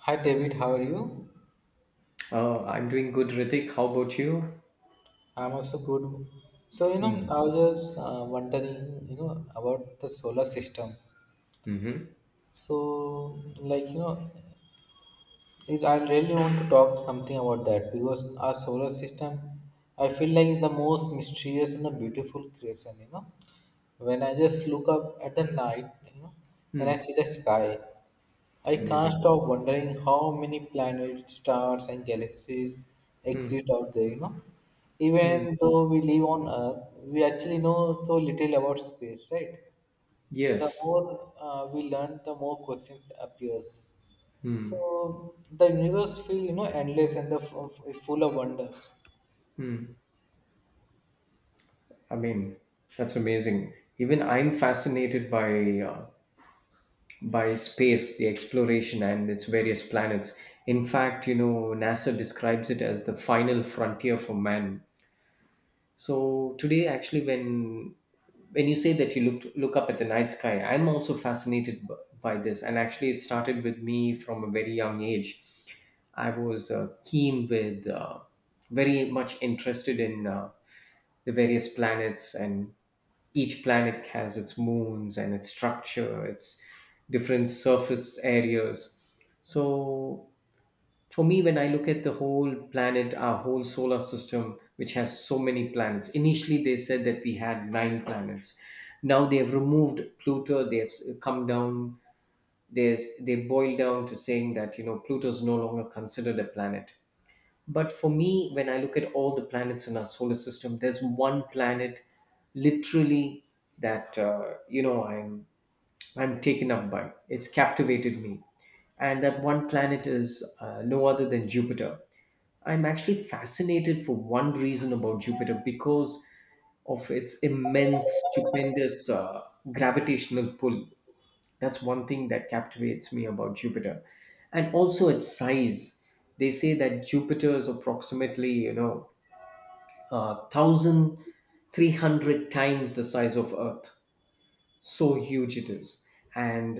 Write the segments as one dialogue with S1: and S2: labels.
S1: Hi David, how are you?
S2: Oh, I'm doing good, Ritik. How about you?
S1: I'm also good. So, you know, I was just wondering, you know, about the solar system.
S2: Mm-hmm.
S1: So, like, I really want to talk something about that because our solar system, I feel like is the most mysterious and the beautiful creation, you know. When I just look up at the night, you know, and I
S2: Hmm.
S1: see the sky. I can't
S2: Amazing.
S1: stop wondering how many planets, stars, and galaxies,
S2: Hmm.
S1: exist out there, you know.
S2: Hmm.
S1: Even though we live on Earth, we actually know so little about space, right? The
S2: Yes.
S1: more we learn, the more questions appears.
S2: Hmm.
S1: So the universe feel endless and the full of wonders.
S2: I mean, that's amazing. Even I'm fascinated by by space, the exploration, and its various planets. In fact, you know, NASA describes it as the final frontier for man. So today, actually, when you say that you look up at the night sky, I'm also by this. And actually, it started with me from a very young age. I was keen with very much interested in the various planets, and each planet has its moons and its structure, its different surface areas. So for me, when I look at the whole planet, our whole solar system, which has so many planets, initially they said that we had nine planets. Now they have removed Pluto, come down, there's, they boil down to saying that, you know, Pluto is no longer considered a planet. But for me, when I look at all the planets in our solar system, there's one planet literally that, you know, I'm taken up by. It's captivated me. And that one planet is no other than Jupiter. I'm actually fascinated for one reason about Jupiter because of its immense, stupendous gravitational pull. That's one thing that captivates me about Jupiter. And also its size. They say that Jupiter is approximately, you know, 1,300 times the size of Earth. So huge it is. And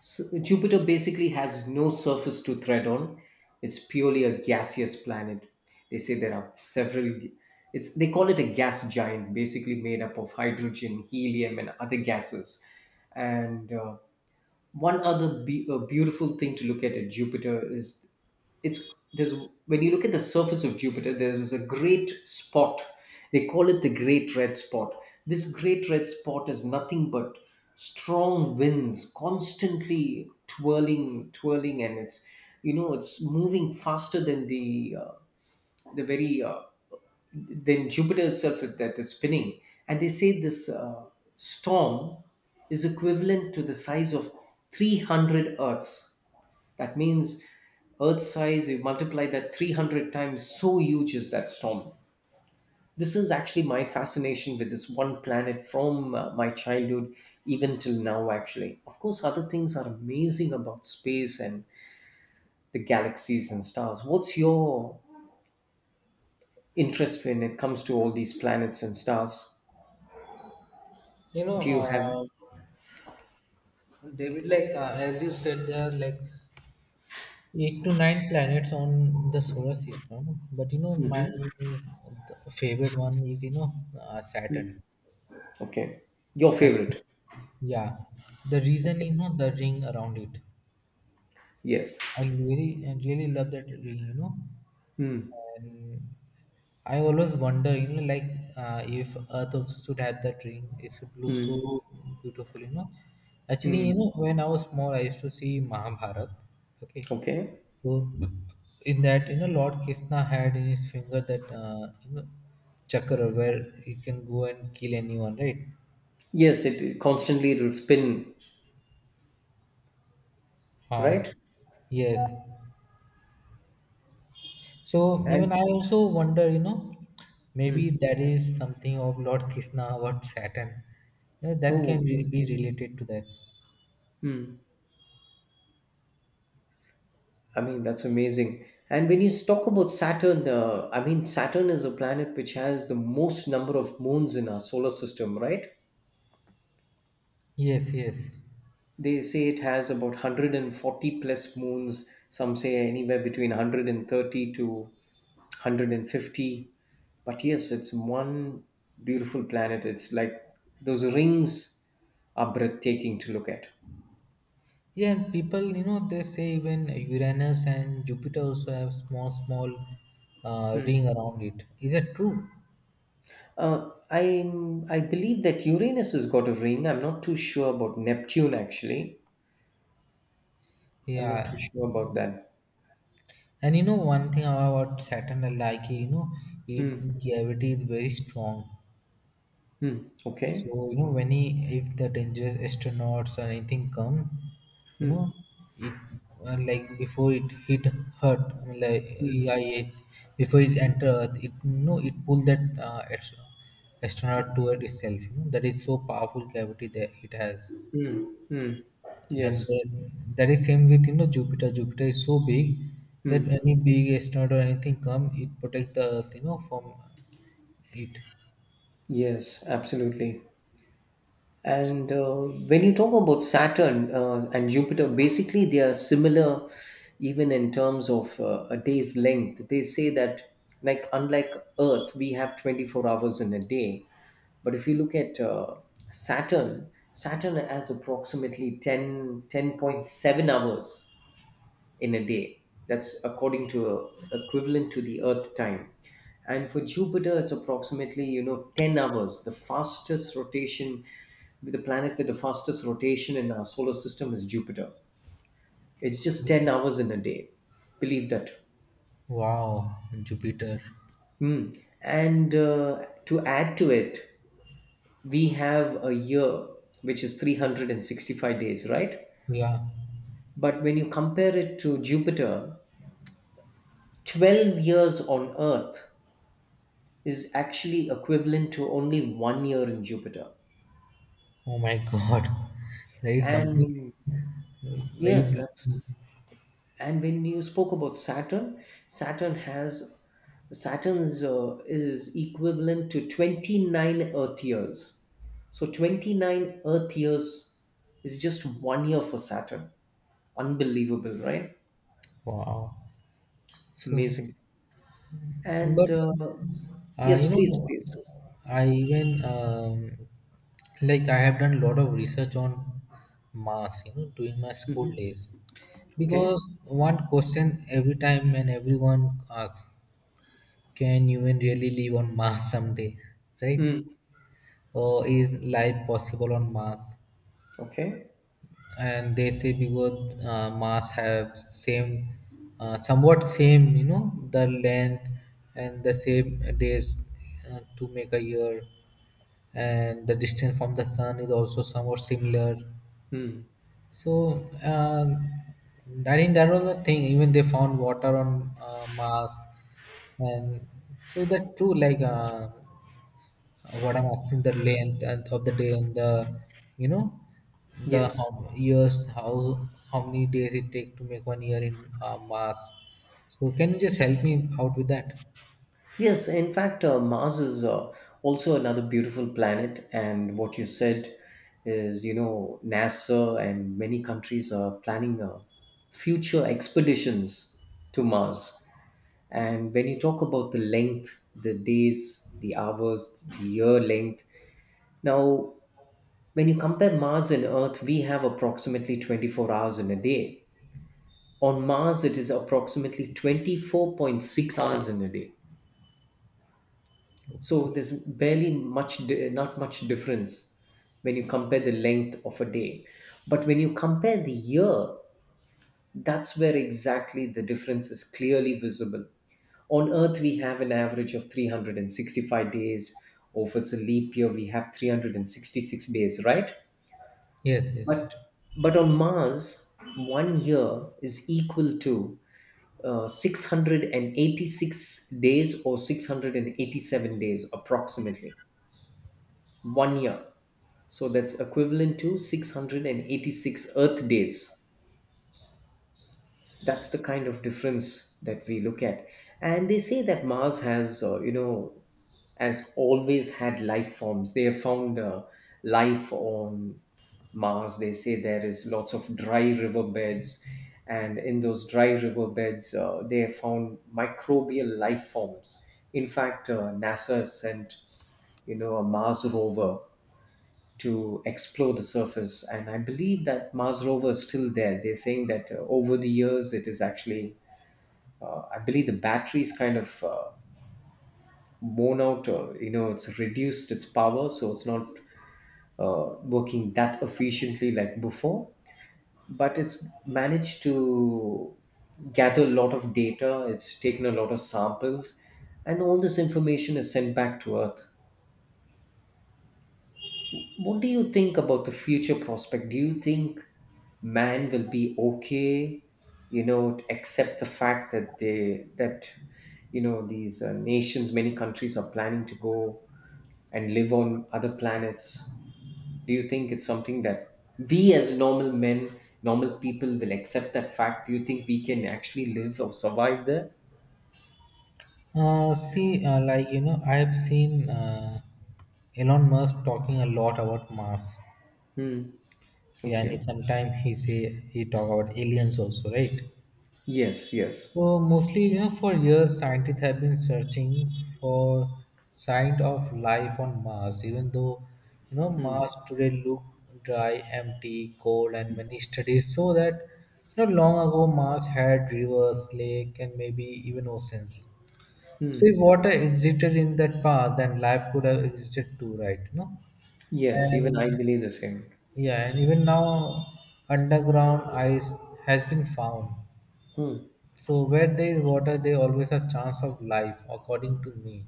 S2: Jupiter basically has no surface to tread on. It's purely a gaseous planet. They say there are several. G- It's they call it a gas giant, basically made up of hydrogen, helium, and other gases. And one other beautiful thing to look at Jupiter is it's there's when you look at the surface of Jupiter, there's a great spot. They call it the Great Red Spot. This Great Red Spot is nothing but strong winds constantly twirling, twirling, and it's you know it's moving faster than the very uh, then Jupiter itself that is spinning, and they say this storm is equivalent to the size of 300 Earths. That means Earth size, you multiply that 300 times, so huge is that storm. This is actually my fascination with this one planet from my childhood, even till now, actually. Of course, other things are amazing about space and the galaxies and stars. What's your interest when it comes to all these planets and stars?
S1: You know,
S2: Do you have...
S1: uh, David, like as you said, there like eight to nine planets on the solar system, but you know my favorite one is you know saturn.
S2: Okay. Your
S1: And
S2: favorite.
S1: yeah, the reason,
S2: Okay.
S1: you know, the ring around it.
S2: Yes.
S1: I really love that ring, you know.
S2: Hmm.
S1: And I always wonder, you know, like, if earth also should have that ring, it should look so
S2: Hmm.
S1: beautiful, you know. Actually, you
S2: Mm.
S1: know, when I was small, I used to see mahabharat. Okay.
S2: Okay.
S1: So in that, you know, Lord Krishna had in his finger that chakra where he can go and kill anyone, right?
S2: Yes, it constantly it'll spin,
S1: Ah,
S2: right?
S1: yes. So
S2: And
S1: even I also wonder, you know, maybe
S2: mm.
S1: that is something of Lord Krishna about Saturn. You know, that can
S2: Oh, mm.
S1: be related to that.
S2: Mm. I mean that's amazing. And when you talk about Saturn, I mean Saturn is a planet which has the most number of moons in our solar system, right?
S1: Yes, yes.
S2: They say it has about 140 plus moons. Some say anywhere between 130 to 150. But yes, it's one beautiful planet. It's like those rings are breathtaking to look at.
S1: Yeah, and people, you know, they say even Uranus and Jupiter also have small, small
S2: Hmm.
S1: ring around it. Is that true?
S2: Uh, I I believe that Uranus has got a ring. I'm not too sure about Neptune actually. I'm not too
S1: Yeah,
S2: sure about that.
S1: and you know one thing about Saturn, like you know, it
S2: Hmm.
S1: gravity is very strong.
S2: Hmm. Okay.
S1: So you know when he, if the dangerous astronauts or anything come, you
S2: Hmm.
S1: know it like before it hit Earth, like
S2: Hmm.
S1: yeah, it, before it enter Earth, it you know it pull that astronaut toward itself. You know that is so powerful gravity that it has.
S2: Hmm.
S1: And
S2: Yes.
S1: then that is same with you know Jupiter. Jupiter is so big that
S2: Hmm.
S1: any big asteroid or anything come, it protect the Earth, you know, from it.
S2: Yes. Absolutely. And when you talk about Saturn and Jupiter, basically they are similar even in terms of a day's length. They say that, like, unlike Earth, we have 24 hours in a day. But if you look at Saturn, Saturn has approximately 10.7 hours in a day. That's according to equivalent to the Earth time. And for Jupiter, it's approximately you know 10 hours. The fastest rotation, the planet with the fastest rotation in our solar system is Jupiter. It's just 10 hours in a day. Believe that.
S1: Wow, Jupiter.
S2: Hmm. And to add to it, we have a year which is 365 days, right?
S1: Yeah.
S2: But when you compare it to Jupiter, 12 years on Earth is actually equivalent to only 1 year in Jupiter.
S1: Oh my God. There is something
S2: And
S1: very
S2: yes,
S1: big.
S2: that's... And when you spoke about Saturn, Saturn has Saturn's is equivalent to 29 Earth years. So 29 Earth years is just 1 year for Saturn. Unbelievable, right?
S1: Wow. So,
S2: Amazing. And
S1: but You
S2: yes,
S1: know,
S2: please, please.
S1: I even like I have done a lot of research on Mars, you know, during my school
S2: Mhm.
S1: days,
S2: Okay.
S1: because one question every time and everyone asks, can human really live on Mars someday, right?
S2: Mm.
S1: Or is life possible on Mars?
S2: Okay.
S1: And they say because mass have same somewhat same, you know, the length and the same days to make a year, and the distance from the sun is also somewhat similar.
S2: Mm.
S1: So I think that was the thing, even they found water on mars. And so that's true. Like what I'm asking, the length and of the day and the, you know, the how
S2: Yes.
S1: years, how many days it take to make one year in mass. So can you just help me out with that?
S2: Yes, in fact, Mars is also another beautiful planet. And what you said is, you know, NASA and many countries are planning future expeditions to Mars. And when you talk about the length, the days, the hours, the year length, now, when you compare Mars and Earth, we have approximately 24 hours in a day. On Mars, it is approximately 24.6 hours in a day. So there's barely much, not much difference when you compare the length of a day. But when you compare the year, that's where exactly the difference is clearly visible. On Earth, we have an average of 365 days, or if it's a leap year, we have 366 days, right?
S1: Yes, yes.
S2: But but on Mars, 1 year is equal to 686 days or 687 days approximately. 1 year. So that's equivalent to 686 Earth days. That's the kind of difference that we look at. And they say that Mars has, you know, has always had life forms. They have found life on Mars. They say there is lots of dry riverbeds, and in those dry riverbeds, they have found microbial life forms. In fact, NASA has sent you know a Mars rover to explore the surface. And I believe that Mars rover is still there. They're saying that over the years, it is actually, I believe the battery's kind of worn out, or, you know, it's reduced its power, so it's not working that efficiently like before. But it's managed to gather a lot of data, it's taken a lot of samples, and all this information is sent back to Earth. What do you think about the future prospect? Do you think man will be okay, you know, to accept the fact that they that you know these nations, many countries are planning to go and live on other planets? Do you think it's something that we as normal men, normal people will accept that fact? Do you think we can actually live or survive there?
S1: See, like you know, I've seen Elon Musk talking a lot about Mars.
S2: Hmm.
S1: Yeah, and
S2: Okay.
S1: sometimes he say he talk about aliens also, right?
S2: Yes. Yes.
S1: So mostly, you know, for years, scientists have been searching for signs of life on Mars, even though, you know,
S2: Hmm.
S1: Mars today look dry, empty, cold, and many studies show that, you know, long ago Mars had rivers, lake, and maybe even oceans.
S2: Hmm.
S1: So if water existed in that past, then life could have existed too, right? You know,
S2: Yes. Even I
S1: and
S2: believe the same.
S1: yeah, and even now, underground ice has been found.
S2: Hmm.
S1: So where there is water, there always a chance of life, according to me.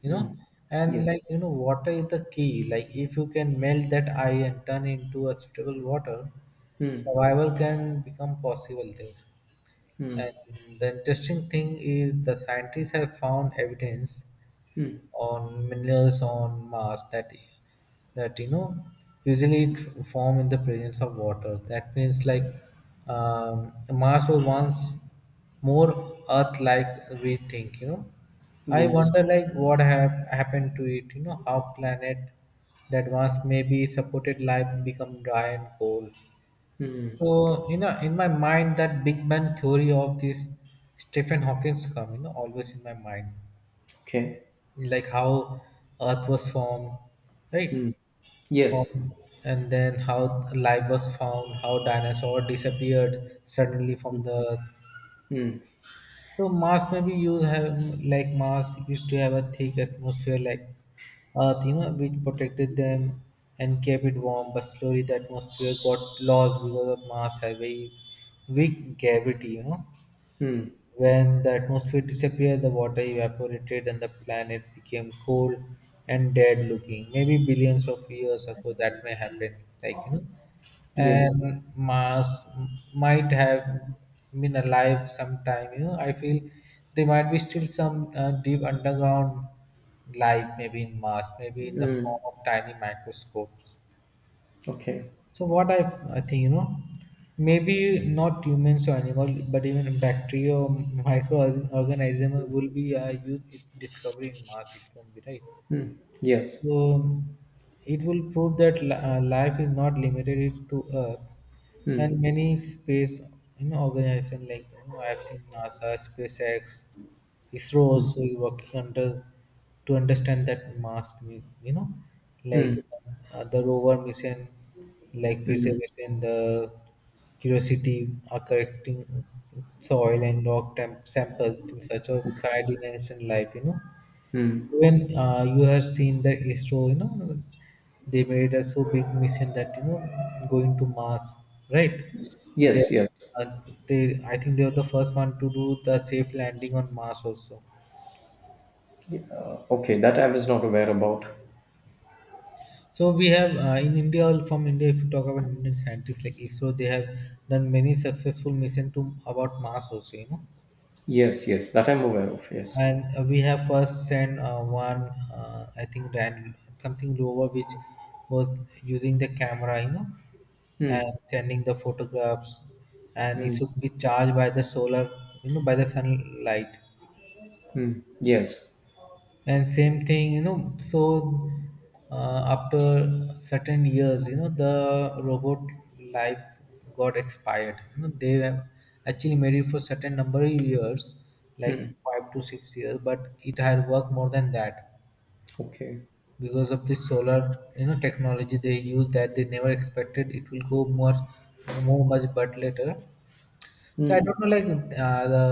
S1: You
S2: Hmm.
S1: know, and
S2: Yes.
S1: like you know, water is the key. Like if you can melt that ice and turn into a suitable water,
S2: Hmm.
S1: survival can become possible there.
S2: Hmm.
S1: And the interesting thing is the scientists have found evidence
S2: Hmm.
S1: on minerals on Mars that you know usually it form in the presence of water. That means like Mars was once more Earth-like we think. You know, I
S2: Yes.
S1: wonder like what have happened to it. You know how planet that once maybe supported life become dry and cold.
S2: Hmm.
S1: So you know, in my mind, that big man theory of this Stephen Hawking's come, you know, always in my mind,
S2: Okay.
S1: like how Earth was formed, right?
S2: Hmm. Yes.
S1: Formed, and then how life was found, how dinosaur disappeared suddenly from the Earth.
S2: Hmm.
S1: So Mars maybe used have like Mars used to have a thick atmosphere like Earth, you know, which protected them and kept it warm. But slowly the atmosphere got lost because of Mars have very weak gravity, you know.
S2: Hmm.
S1: When the atmosphere disappeared, the water evaporated and the planet became cold and dead looking. Maybe billions of years ago that may happen, like you know.
S2: Yes.
S1: And Mars might have been alive sometime, you know. I feel there might be still some deep underground life, maybe in Mars, maybe in the
S2: Hmm.
S1: form of tiny microscopes.
S2: Okay.
S1: So what I think, you know, maybe not humans or animal, but even bacteria or microorganism will be a huge discovery in Mars. It can be right.
S2: Hmm. Yes.
S1: So it will prove that life is not limited to Earth,
S2: Hmm.
S1: and many space, you know, organization like you know, I have seen NASA, SpaceX. ISRO
S2: Hmm.
S1: also is working under to understand that mass, you know, like
S2: Hmm.
S1: the rover mission, like
S2: Hmm.
S1: preservation, the Curiosity are collecting soil and rock samples in search of
S2: Okay.
S1: sardines and life, you know.
S2: Hmm.
S1: Even you have seen that ISRO, you know, they made a so big mission that, you know, going to Mars, right? They,
S2: Yes. Yes.
S1: uh, I think they were the first one to do the safe landing on Mars also.
S2: Yeah. Okay. That I was not aware about.
S1: So we have in India, from India, if you talk about Indian scientists like ISRO, they have done many successful mission to about Mars also, you know.
S2: Yes. Yes. That I'm aware of. Yes.
S1: And we have first sent one, I think, ran something rover which was using the camera, you know, and
S2: Hmm.
S1: sending the photographs, and it
S2: Hmm.
S1: should be charged by the solar, you know, by the sunlight.
S2: Hmm. Yes.
S1: And same thing, you know. So after certain years, you know, the robot life got expired, you know, they have actually made it for certain number of years like
S2: Hmm.
S1: 5 to 6 years, but it had worked more than that
S2: Okay.
S1: because of this solar, you know, technology they use. That they never expected it will go more much but later. So I don't
S2: Hmm.
S1: know, like the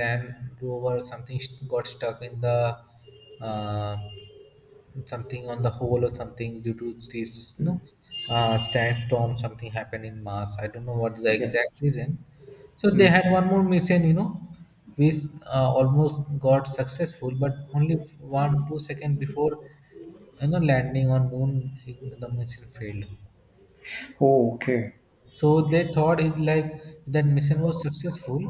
S1: land rover or something got stuck in the uh, something on the hole or something due to this, you know, sandstorm. Something happened in mars, I don't know what the
S2: Yes.
S1: exact reason. So they
S2: Hmm.
S1: had one more mission, you know, which almost got successful, but only 1 2 second before, you know, landing on moon the mission failed.
S2: Oh, okay.
S1: So they thought it like that mission was successful,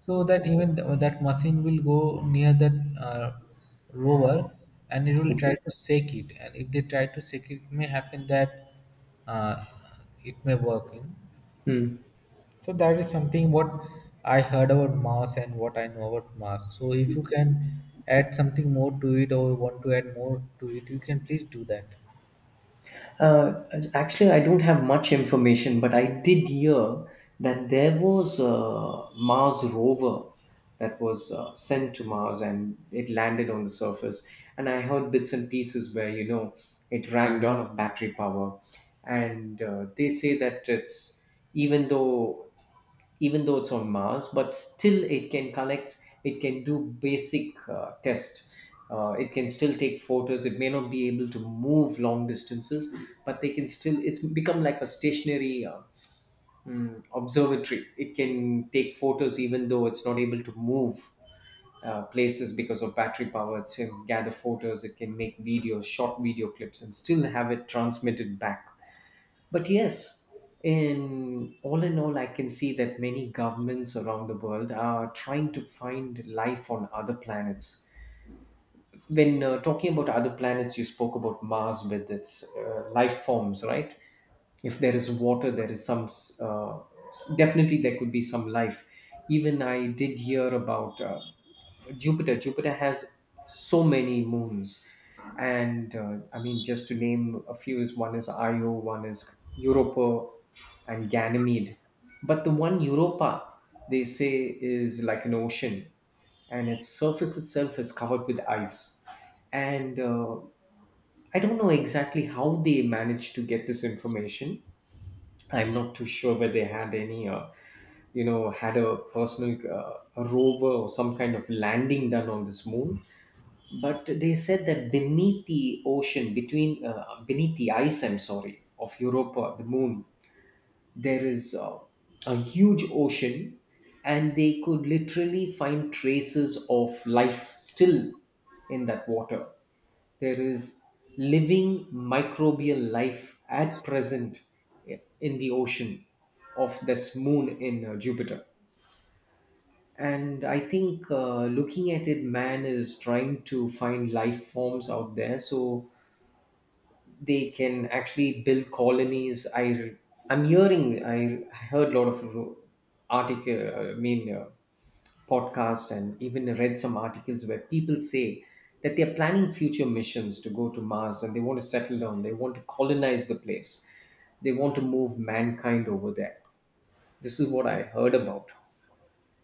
S1: so that even that machine will go near that rover and it will try
S2: Okay.
S1: to shake it. And if they try to shake it, it may happen that uh, it may work. You know?
S2: Hmm.
S1: So that is something what I heard about Mars and what I know about Mars. So if you can add something more to it or want to add more to it, you can please do that.
S2: Uh, Actually, I don't have much information, but I did hear that there was a Mars rover that was sent to Mars and it landed on the surface. And I heard bits and pieces where, you know, it ran out of battery power. And they say that it's even though even though it's on Mars, but still it can collect, it can do basic tests. It can still take photos. It may not be able to move long distances, but they can still. It's become like a stationary observatory. It can take photos even though it's not able to move places because of battery power. It can gather photos. It can make videos, short video clips, and still have it transmitted back. But yes, in all, I can see that many governments around the world are trying to find life on other planets. When talking about other planets, you spoke about Mars with its life forms, right? If there is water, there is definitely there could be some life. Even I did hear about Jupiter. Jupiter has so many moons, and I mean, just to name a few, is one is Io, one is Europa, and Ganymede. But the one Europa, they say, is like an ocean, and its surface itself is covered with ice. And I don't know exactly how they managed to get this information. I'm not too sure whether they had any, you know, had a personal a rover or some kind of landing done on this moon. But they said that beneath the ocean, between beneath the ice, I'm sorry, of Europa, the moon, there is a huge ocean, and they could literally find traces of life still in that water. There is living microbial life at present in the ocean of this moon in Jupiter. And I think looking at it, man is trying to find life forms out there so they can actually build colonies. I heard a lot of article, I mean, uh, podcasts and even read some articles where people say that they're planning future missions to go to Mars and they want to settle down, they want to colonize the place, they want to move mankind over there. This is what I heard about.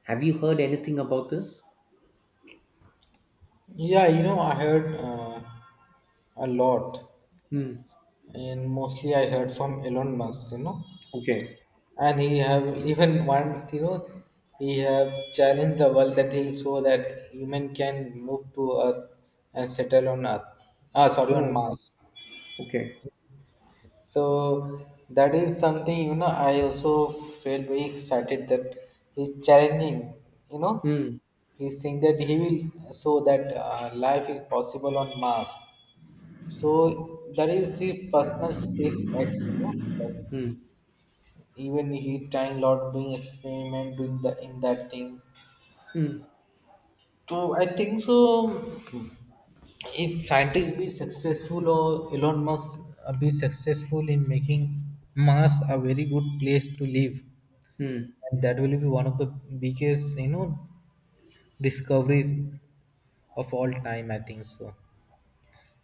S2: Have you heard anything about this?
S1: Yeah, you know, I heard a lot.
S2: Hmm.
S1: And mostly I heard from Elon Musk, you know,
S2: Okay.
S1: and he have even once, you know, he have challenged the world that he so that human can move to Earth and settle on Earth. Ah, sorry, on
S2: Oh,
S1: Mars.
S2: okay.
S1: So that is something you know. I also felt very excited that he's challenging. You know,
S2: Hmm.
S1: he's saying that he will show that life is possible on Mars. So that is the personal space X, you know,
S2: Hmm.
S1: even he trying lot doing experiment doing the in that thing.
S2: Hmm.
S1: So I think so, if scientists be successful or elon musk be successful in making mars a very good place to live,
S2: Hmm.
S1: and that will be one of the biggest, you know, discoveries of all time, I think so.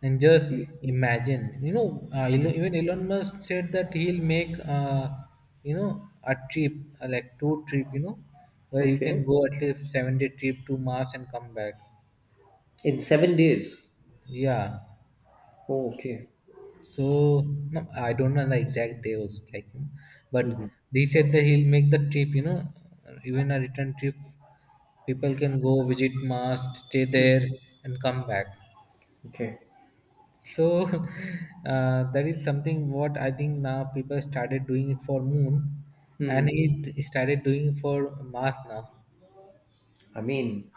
S1: And just
S2: Y-
S1: imagine, you know,
S2: hmm.
S1: even Elon Musk said that he'll make, you know, a trip, like two trip, you know, where you can
S2: Okay.
S1: go at least 7 day trip to Mars and come back.
S2: In 7 days.
S1: Yeah.
S2: Oh, okay.
S1: So no, I don't know the exact day also, like, you know, but
S2: Mhm.
S1: they said that he'll make the trip, you know, even a return trip. People can go visit Mars, stay
S2: Mm.
S1: there, and come back.
S2: Okay.
S1: So that is something what I think now people started doing it for moon, and
S2: Hmm.
S1: it started doing for Mars now.
S2: I mean,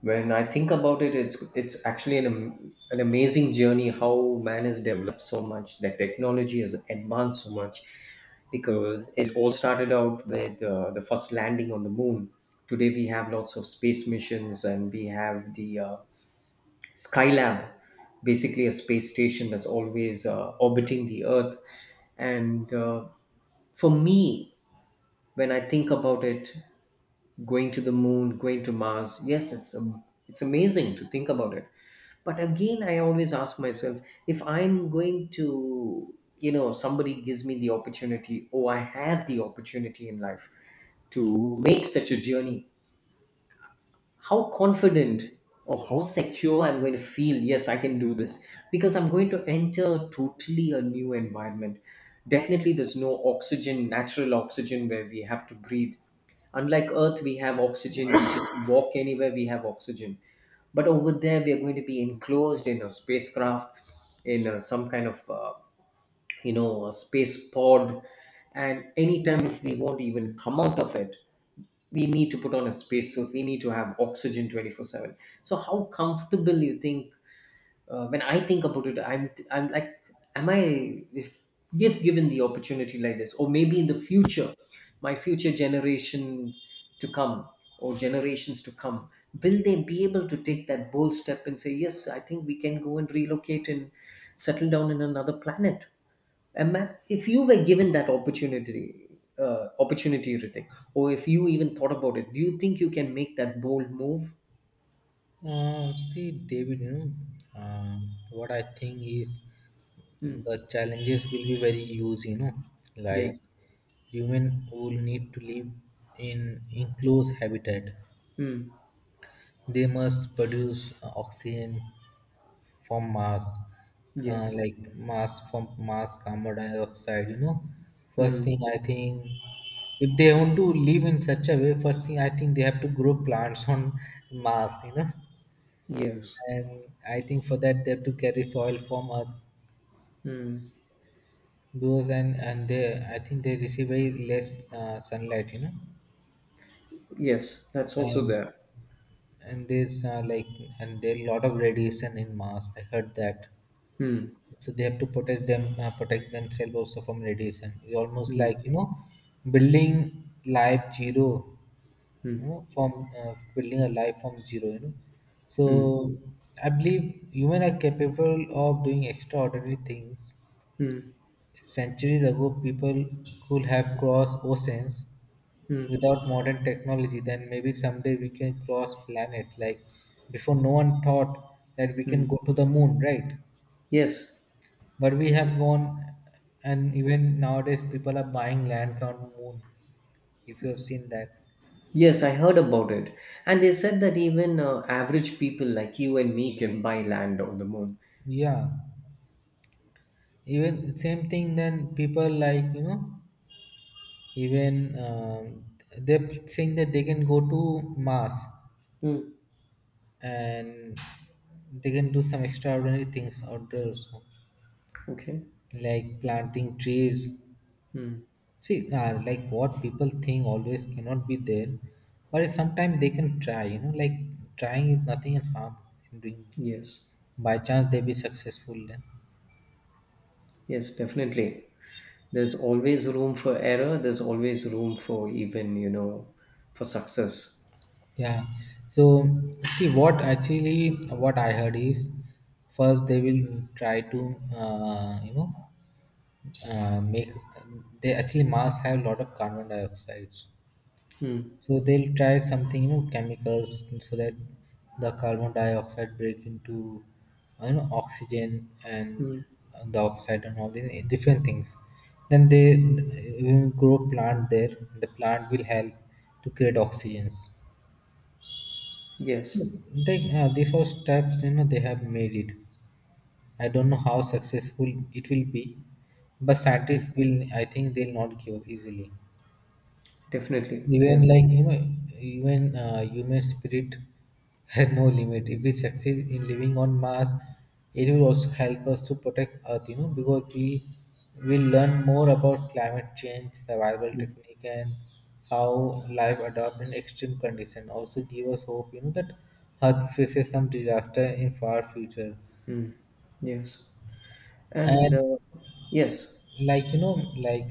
S2: when I think about it, it's actually an amazing journey how man has developed so much, that technology has advanced so much, because it all started out with the first landing on the moon. Today we have lots of space missions, and we have the Skylab, basically a space station that's always orbiting the Earth, and for me, when I think about it, going to the moon, going to Mars, yes, it's amazing to think about it. But again, I always ask myself, if I'm going to, you know, somebody gives me the opportunity, or I have the opportunity in life to make such a journey, how confident or how secure I'm going to feel. Yes, I can do this because I'm going to enter totally a new environment. Definitely, there's no oxygen, natural oxygen where we have to breathe. Unlike Earth, we have oxygen. We just walk anywhere, we have oxygen. But over there, we are going to be enclosed in a spacecraft, in a, some kind of, you know, a space pod. And anytime if we want to even come out of it, we need to put on a spacesuit, we need to have oxygen 24/7. So how comfortable you think? When I think about it, I'm like, am I, if if given the opportunity like this, or maybe in the future, my future generation to come, or generations to come, will they be able to take that bold step and say, yes, I think we can go and relocate and settle down in another planet? If you were given that opportunity, Ritik, or if you even thought about it, do you think you can make that bold move?
S1: See, David, know, uh, what I think is
S2: Hmm.
S1: the challenges will be very huge. Like
S2: Yes.
S1: human will need to live in enclosed habitat.
S2: Hmm.
S1: They must produce oxygen from Mars,
S2: Yes.
S1: from Mars carbon dioxide. You know, first
S2: Hmm.
S1: thing I think, if they want to live in such a way, first thing I think they have to grow plants on Mars. You know,
S2: Yes.
S1: and I think for that they have to carry soil from Earth.
S2: Hmm.
S1: Those and they, I think they receive very less sunlight. You know,
S2: Yes. That's also
S1: and
S2: there.
S1: and there's like and there are a lot of radiation in Mars. I heard that.
S2: Hmm.
S1: So they have to protect themselves also from radiation. It's almost
S2: Hmm.
S1: like you know building life zero
S2: Hmm.
S1: you know from building a life from zero, you know.
S2: Hmm.
S1: So I believe human are capable of doing extraordinary things.
S2: Hmm.
S1: Centuries ago people could have crossed oceans
S2: Hmm.
S1: without modern technology, then maybe someday we can cross planets. Like before, no one thought that we can
S2: Hmm.
S1: go to the moon, right?
S2: Yes.
S1: But we have gone, and even nowadays, people are buying lands on moon. If you have seen that,
S2: Yes, I heard about it. And they said that even average people like you and me can buy land on the moon.
S1: yeah. Even same thing. Then people like even they're saying that they can go to Mars
S2: Hmm.
S1: and they can do some extraordinary things out there also,
S2: Okay.
S1: like planting trees.
S2: Hmm.
S1: See, like what people think always cannot be there, but sometimes they can try. You know, like trying is nothing and harm in doing.
S2: Yes.
S1: By chance, they be successful then.
S2: Yes, definitely. There's always room for error. There's always room for even, you know, for success.
S1: Yeah. So see, what actually what I heard is, first they will try to make, they actually Mars have a lot of carbon dioxide.
S2: Mm.
S1: So they'll try something, you know, chemicals so that the carbon dioxide break into, you know, oxygen and
S2: Mm.
S1: the oxide and all the different things. Then they will grow plant there. The plant will help to create oxygens.
S2: Yes,
S1: They, these all steps, you know, they have made it. I don't know how successful it will be, but scientists will, I think, they'll not give up easily.
S2: definitely.
S1: Even
S2: Yes.
S1: like you know, even human spirit has no limit. If we succeed in living on Mars, it will also help us to protect Earth. You know, because we will learn more about climate change, survival
S2: Mm.
S1: technique, and how life adapt in extreme condition. Also, give us hope. You know that Earth faces some disaster in far future,
S2: Mm. Yes. And
S1: and
S2: yes.
S1: like you know like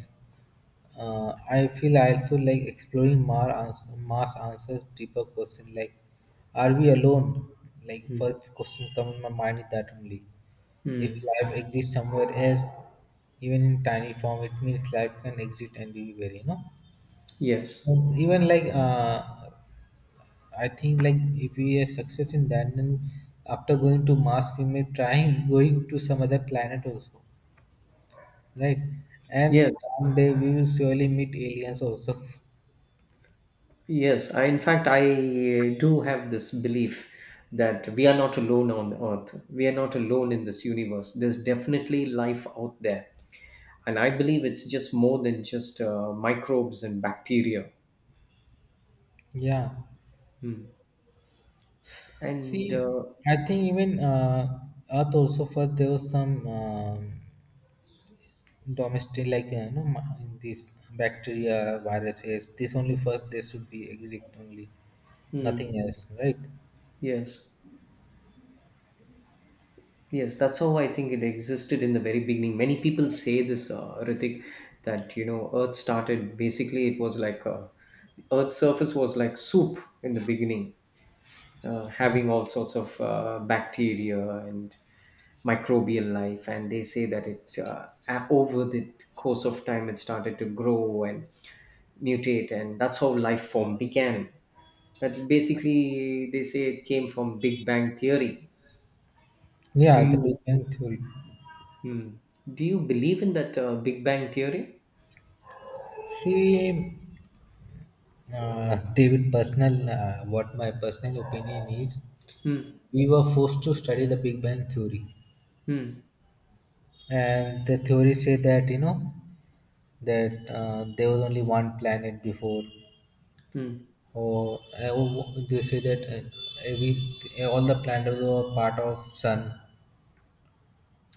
S1: I feel I also like exploring Mars answers deeper question like are we alone, like
S2: Mm.
S1: first question come in my mind is that only, if
S2: Mm.
S1: life exists somewhere else, even in tiny form it means life can exist anywhere, you know.
S2: Yes.
S1: So even like I think like if we are success in that, then after going to Mars we may try going to some other planet also, right? And
S2: Yes.
S1: one day we will surely meet aliens also.
S2: Yes. In fact, I do have this belief that we are not alone on Earth. We are not alone in this universe. There's definitely life out there. And I believe it's just more than just microbes and bacteria.
S1: Yeah.
S2: Hmm. And
S1: See, I think even Earth also, first there was some domestic like these bacteria, viruses. This only first they should be exist only, nothing
S2: hmm,
S1: else, right?
S2: yes. Yes, that's how I think it existed in the very beginning. Many people say this, Ritik, that, you know, Earth started, basically it was like the Earth's surface was like soup in the beginning, having all sorts of bacteria and microbial life, and they say that it, over the course of time, it started to grow and mutate, and that's how life form began. That's basically, they say, it came from Big Bang theory. Do
S1: Yeah, the Big
S2: you
S1: Bang theory.
S2: Hmm. Do you believe in that Big Bang theory?
S1: See, David, personal what my personal opinion is,
S2: Hmm.
S1: we were forced to study the Big Bang theory
S2: Hmm.
S1: and the theory say that, you know, that there was only one planet before,
S2: Hmm.
S1: or they say that every all the planets were part of sun,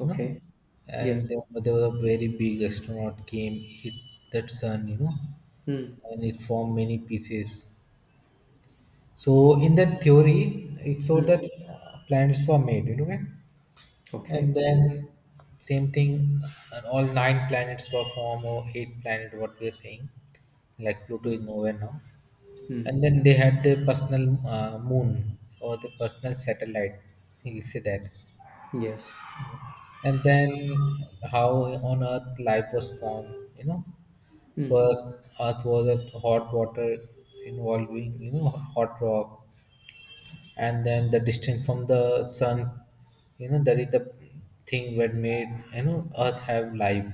S1: you know.
S2: Okay.
S1: And
S2: Yes.
S1: there was a very big astronaut came hit that sun, you know,
S2: Hmm.
S1: and it formed many pieces. So in that theory, it's so
S2: Hmm.
S1: that planets were made, you know, okay? And
S2: Okay.
S1: then same thing, and all nine planets were formed or eight planet, what we are saying, like Pluto is
S2: Hmm.
S1: nowhere now.
S2: Hmm.
S1: And then they had their personal moon or the personal satellite, you can say that.
S2: Yes.
S1: And then how on Earth life was formed, you know,
S2: Hmm.
S1: first Earth was a hot water involving, you know, hot rock, and then the distance from the sun, you know, that is the thing that made, you know, Earth have life.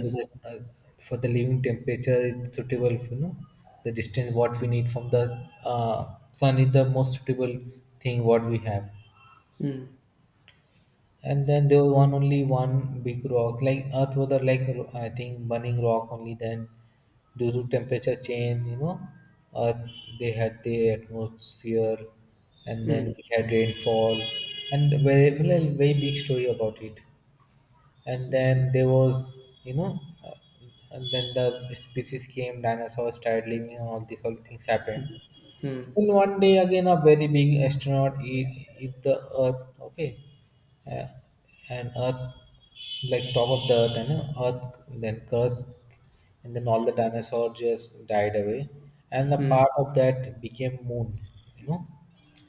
S1: With the, for the living temperature it's suitable, you know, the distance what we need from the sun is the most suitable thing what we have.
S2: Hmm.
S1: And then there was one only one big rock, like Earth was a, like I think burning rock only. Then due to temperature change, you know, Earth they had the atmosphere, and then
S2: Mm.
S1: we had rainfall, and very very very big story about it. And then there was, you know, and then the species came, dinosaurs started living, and all these all things happened.
S2: Mm.
S1: In one day, again, a very big astronaut hit, hit the Earth, okay? Uh, and Earth, like top of the Earth, and Earth then crust, and then all the dinosaurs just died away. And the
S2: Mm.
S1: part of that became moon, you know?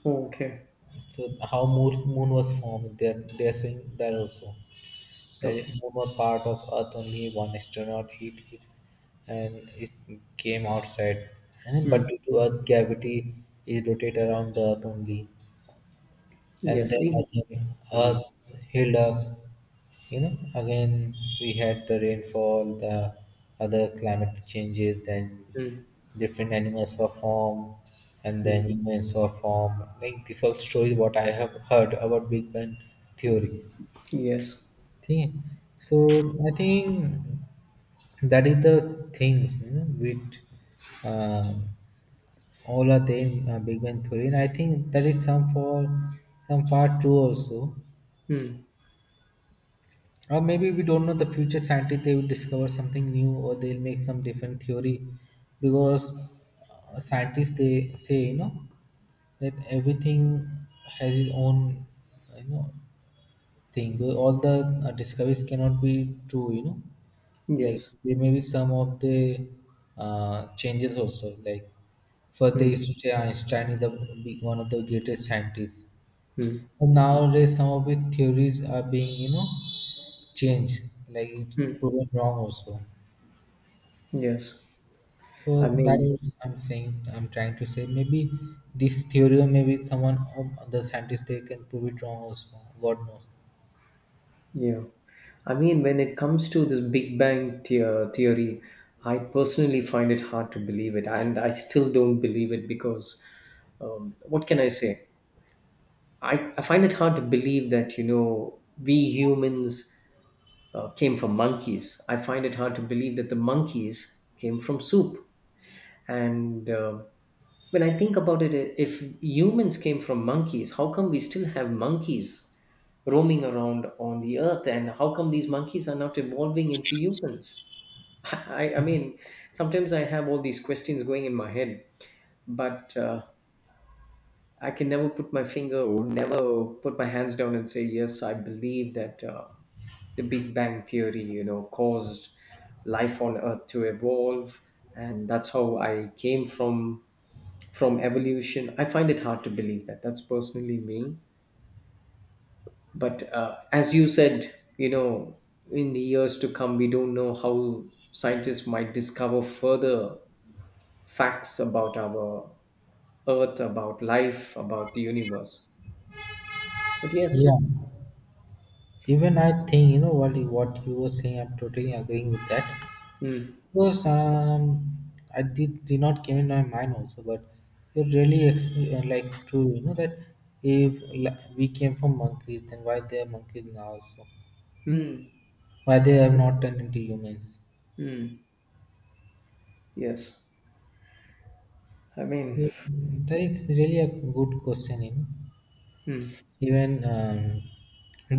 S2: Oh, okay.
S1: So how moon, was formed, they're saying that also. That if
S2: Okay.
S1: moon part of Earth, only one astronaut hit it and it came outside. And
S2: Mm.
S1: but due to Earth gravity, it rotate around the Earth only. And
S2: Yes.
S1: then again, Earth
S2: Mm.
S1: healed up. You know, again we had the rainfall, the other climate changes, then
S2: Mm.
S1: different animals were formed, and
S2: Mm.
S1: then humans were formed, like this whole story what I have heard about Big Bang theory.
S2: Yes.
S1: Okay, so I think that is the things, you know, with uh, all are there in Big Bang theory, and I think that is some for some part true also,
S2: Mm,
S1: or maybe we don't know, the future scientists they will discover something new or they'll make some different theory, because scientists they say, you know, that everything has its own, you know, thing. Though all the discoveries cannot be true, you know, like
S2: yes.
S1: there may be some of the changes also. Like first they
S2: Mm.
S1: used to say Einstein is the one of the greatest scientists,
S2: Mm.
S1: but nowadays some of his theories are being, you know, changed, like it's
S2: Mm.
S1: proven wrong also.
S2: Yes.
S1: So
S2: I
S1: that
S2: mean,
S1: is I'm saying, I'm trying to say maybe this theory or maybe someone of other scientists they can prove it wrong also, god knows.
S2: yeah. I mean, when it comes to this theory, I personally find it hard to believe it, and I still don't believe it because, what can I say? I find it hard to believe that, you know, we humans came from monkeys. I find it hard to believe that the monkeys came from soup. And when I think about it, if humans came from monkeys, how come we still have monkeys roaming around on the Earth? And how come these monkeys are not evolving into humans? I mean, sometimes I have all these questions going in my head, but I can never put my finger or never put my hands down and say, yes, I believe that the Big Bang Theory, you know, caused life on Earth to evolve. And that's how I came from evolution. I find it hard to believe that. That's personally me. But as you said, you know, in the years to come, we don't know how scientists might discover further facts about our Earth, about life, about the universe. But
S1: Yeah,
S2: yes.
S1: even I think you know what you were saying. I'm totally agreeing with that
S2: Hmm.
S1: because I did not came in my mind also, but you like true. You know that if like, we came from monkeys, then why they are monkeys now? So
S2: Hmm.
S1: why they have not turned into humans?
S2: Mm, yes. I mean,
S1: So, that is really a good question. You know,
S2: hmm.
S1: even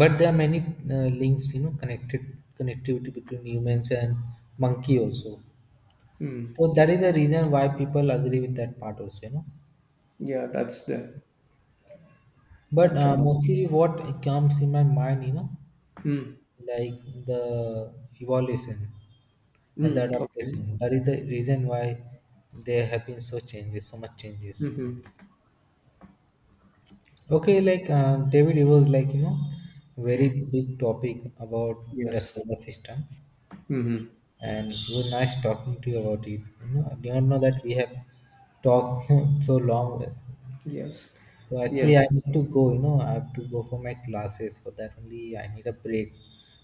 S1: but there are many links. You know, connected connectivity between humans and monkey also.
S2: Hmm.
S1: So that is the reason why people agree with that part also, you know.
S2: Yeah, that's the,
S1: But
S2: but,
S1: mostly what comes in my mind, you know,
S2: hmm.
S1: like the evolution and the
S2: Mm, okay.
S1: adaptation. That is the reason why there have been so much changes.
S2: Mm-hmm.
S1: Okay, like David, it was like you know, very big topic about the
S2: Yes.
S1: solar system,
S2: Mm-hmm.
S1: and it was nice talking to you about it. You know, I don't know that we have talked so long.
S2: Yes.
S1: So actually, I
S2: Yes.
S1: need to go. You know, I have to go for my classes. For that only, I need a break.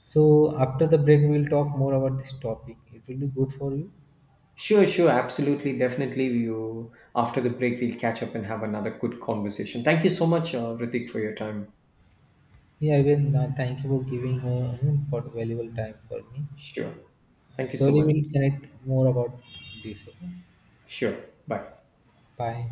S1: So after the break, we'll talk more about this topic. It will be good for you.
S2: Sure, sure. Absolutely. Definitely. You, after the break, we'll catch up and have another good conversation. Thank you so much, Ritik, for your time.
S1: Yeah, even thank you for giving you know, for valuable time for me.
S2: Sure. Thank you so
S1: Surely,
S2: much.
S1: we'll connect more about this. Okay?
S2: Sure. Bye.
S1: Bye.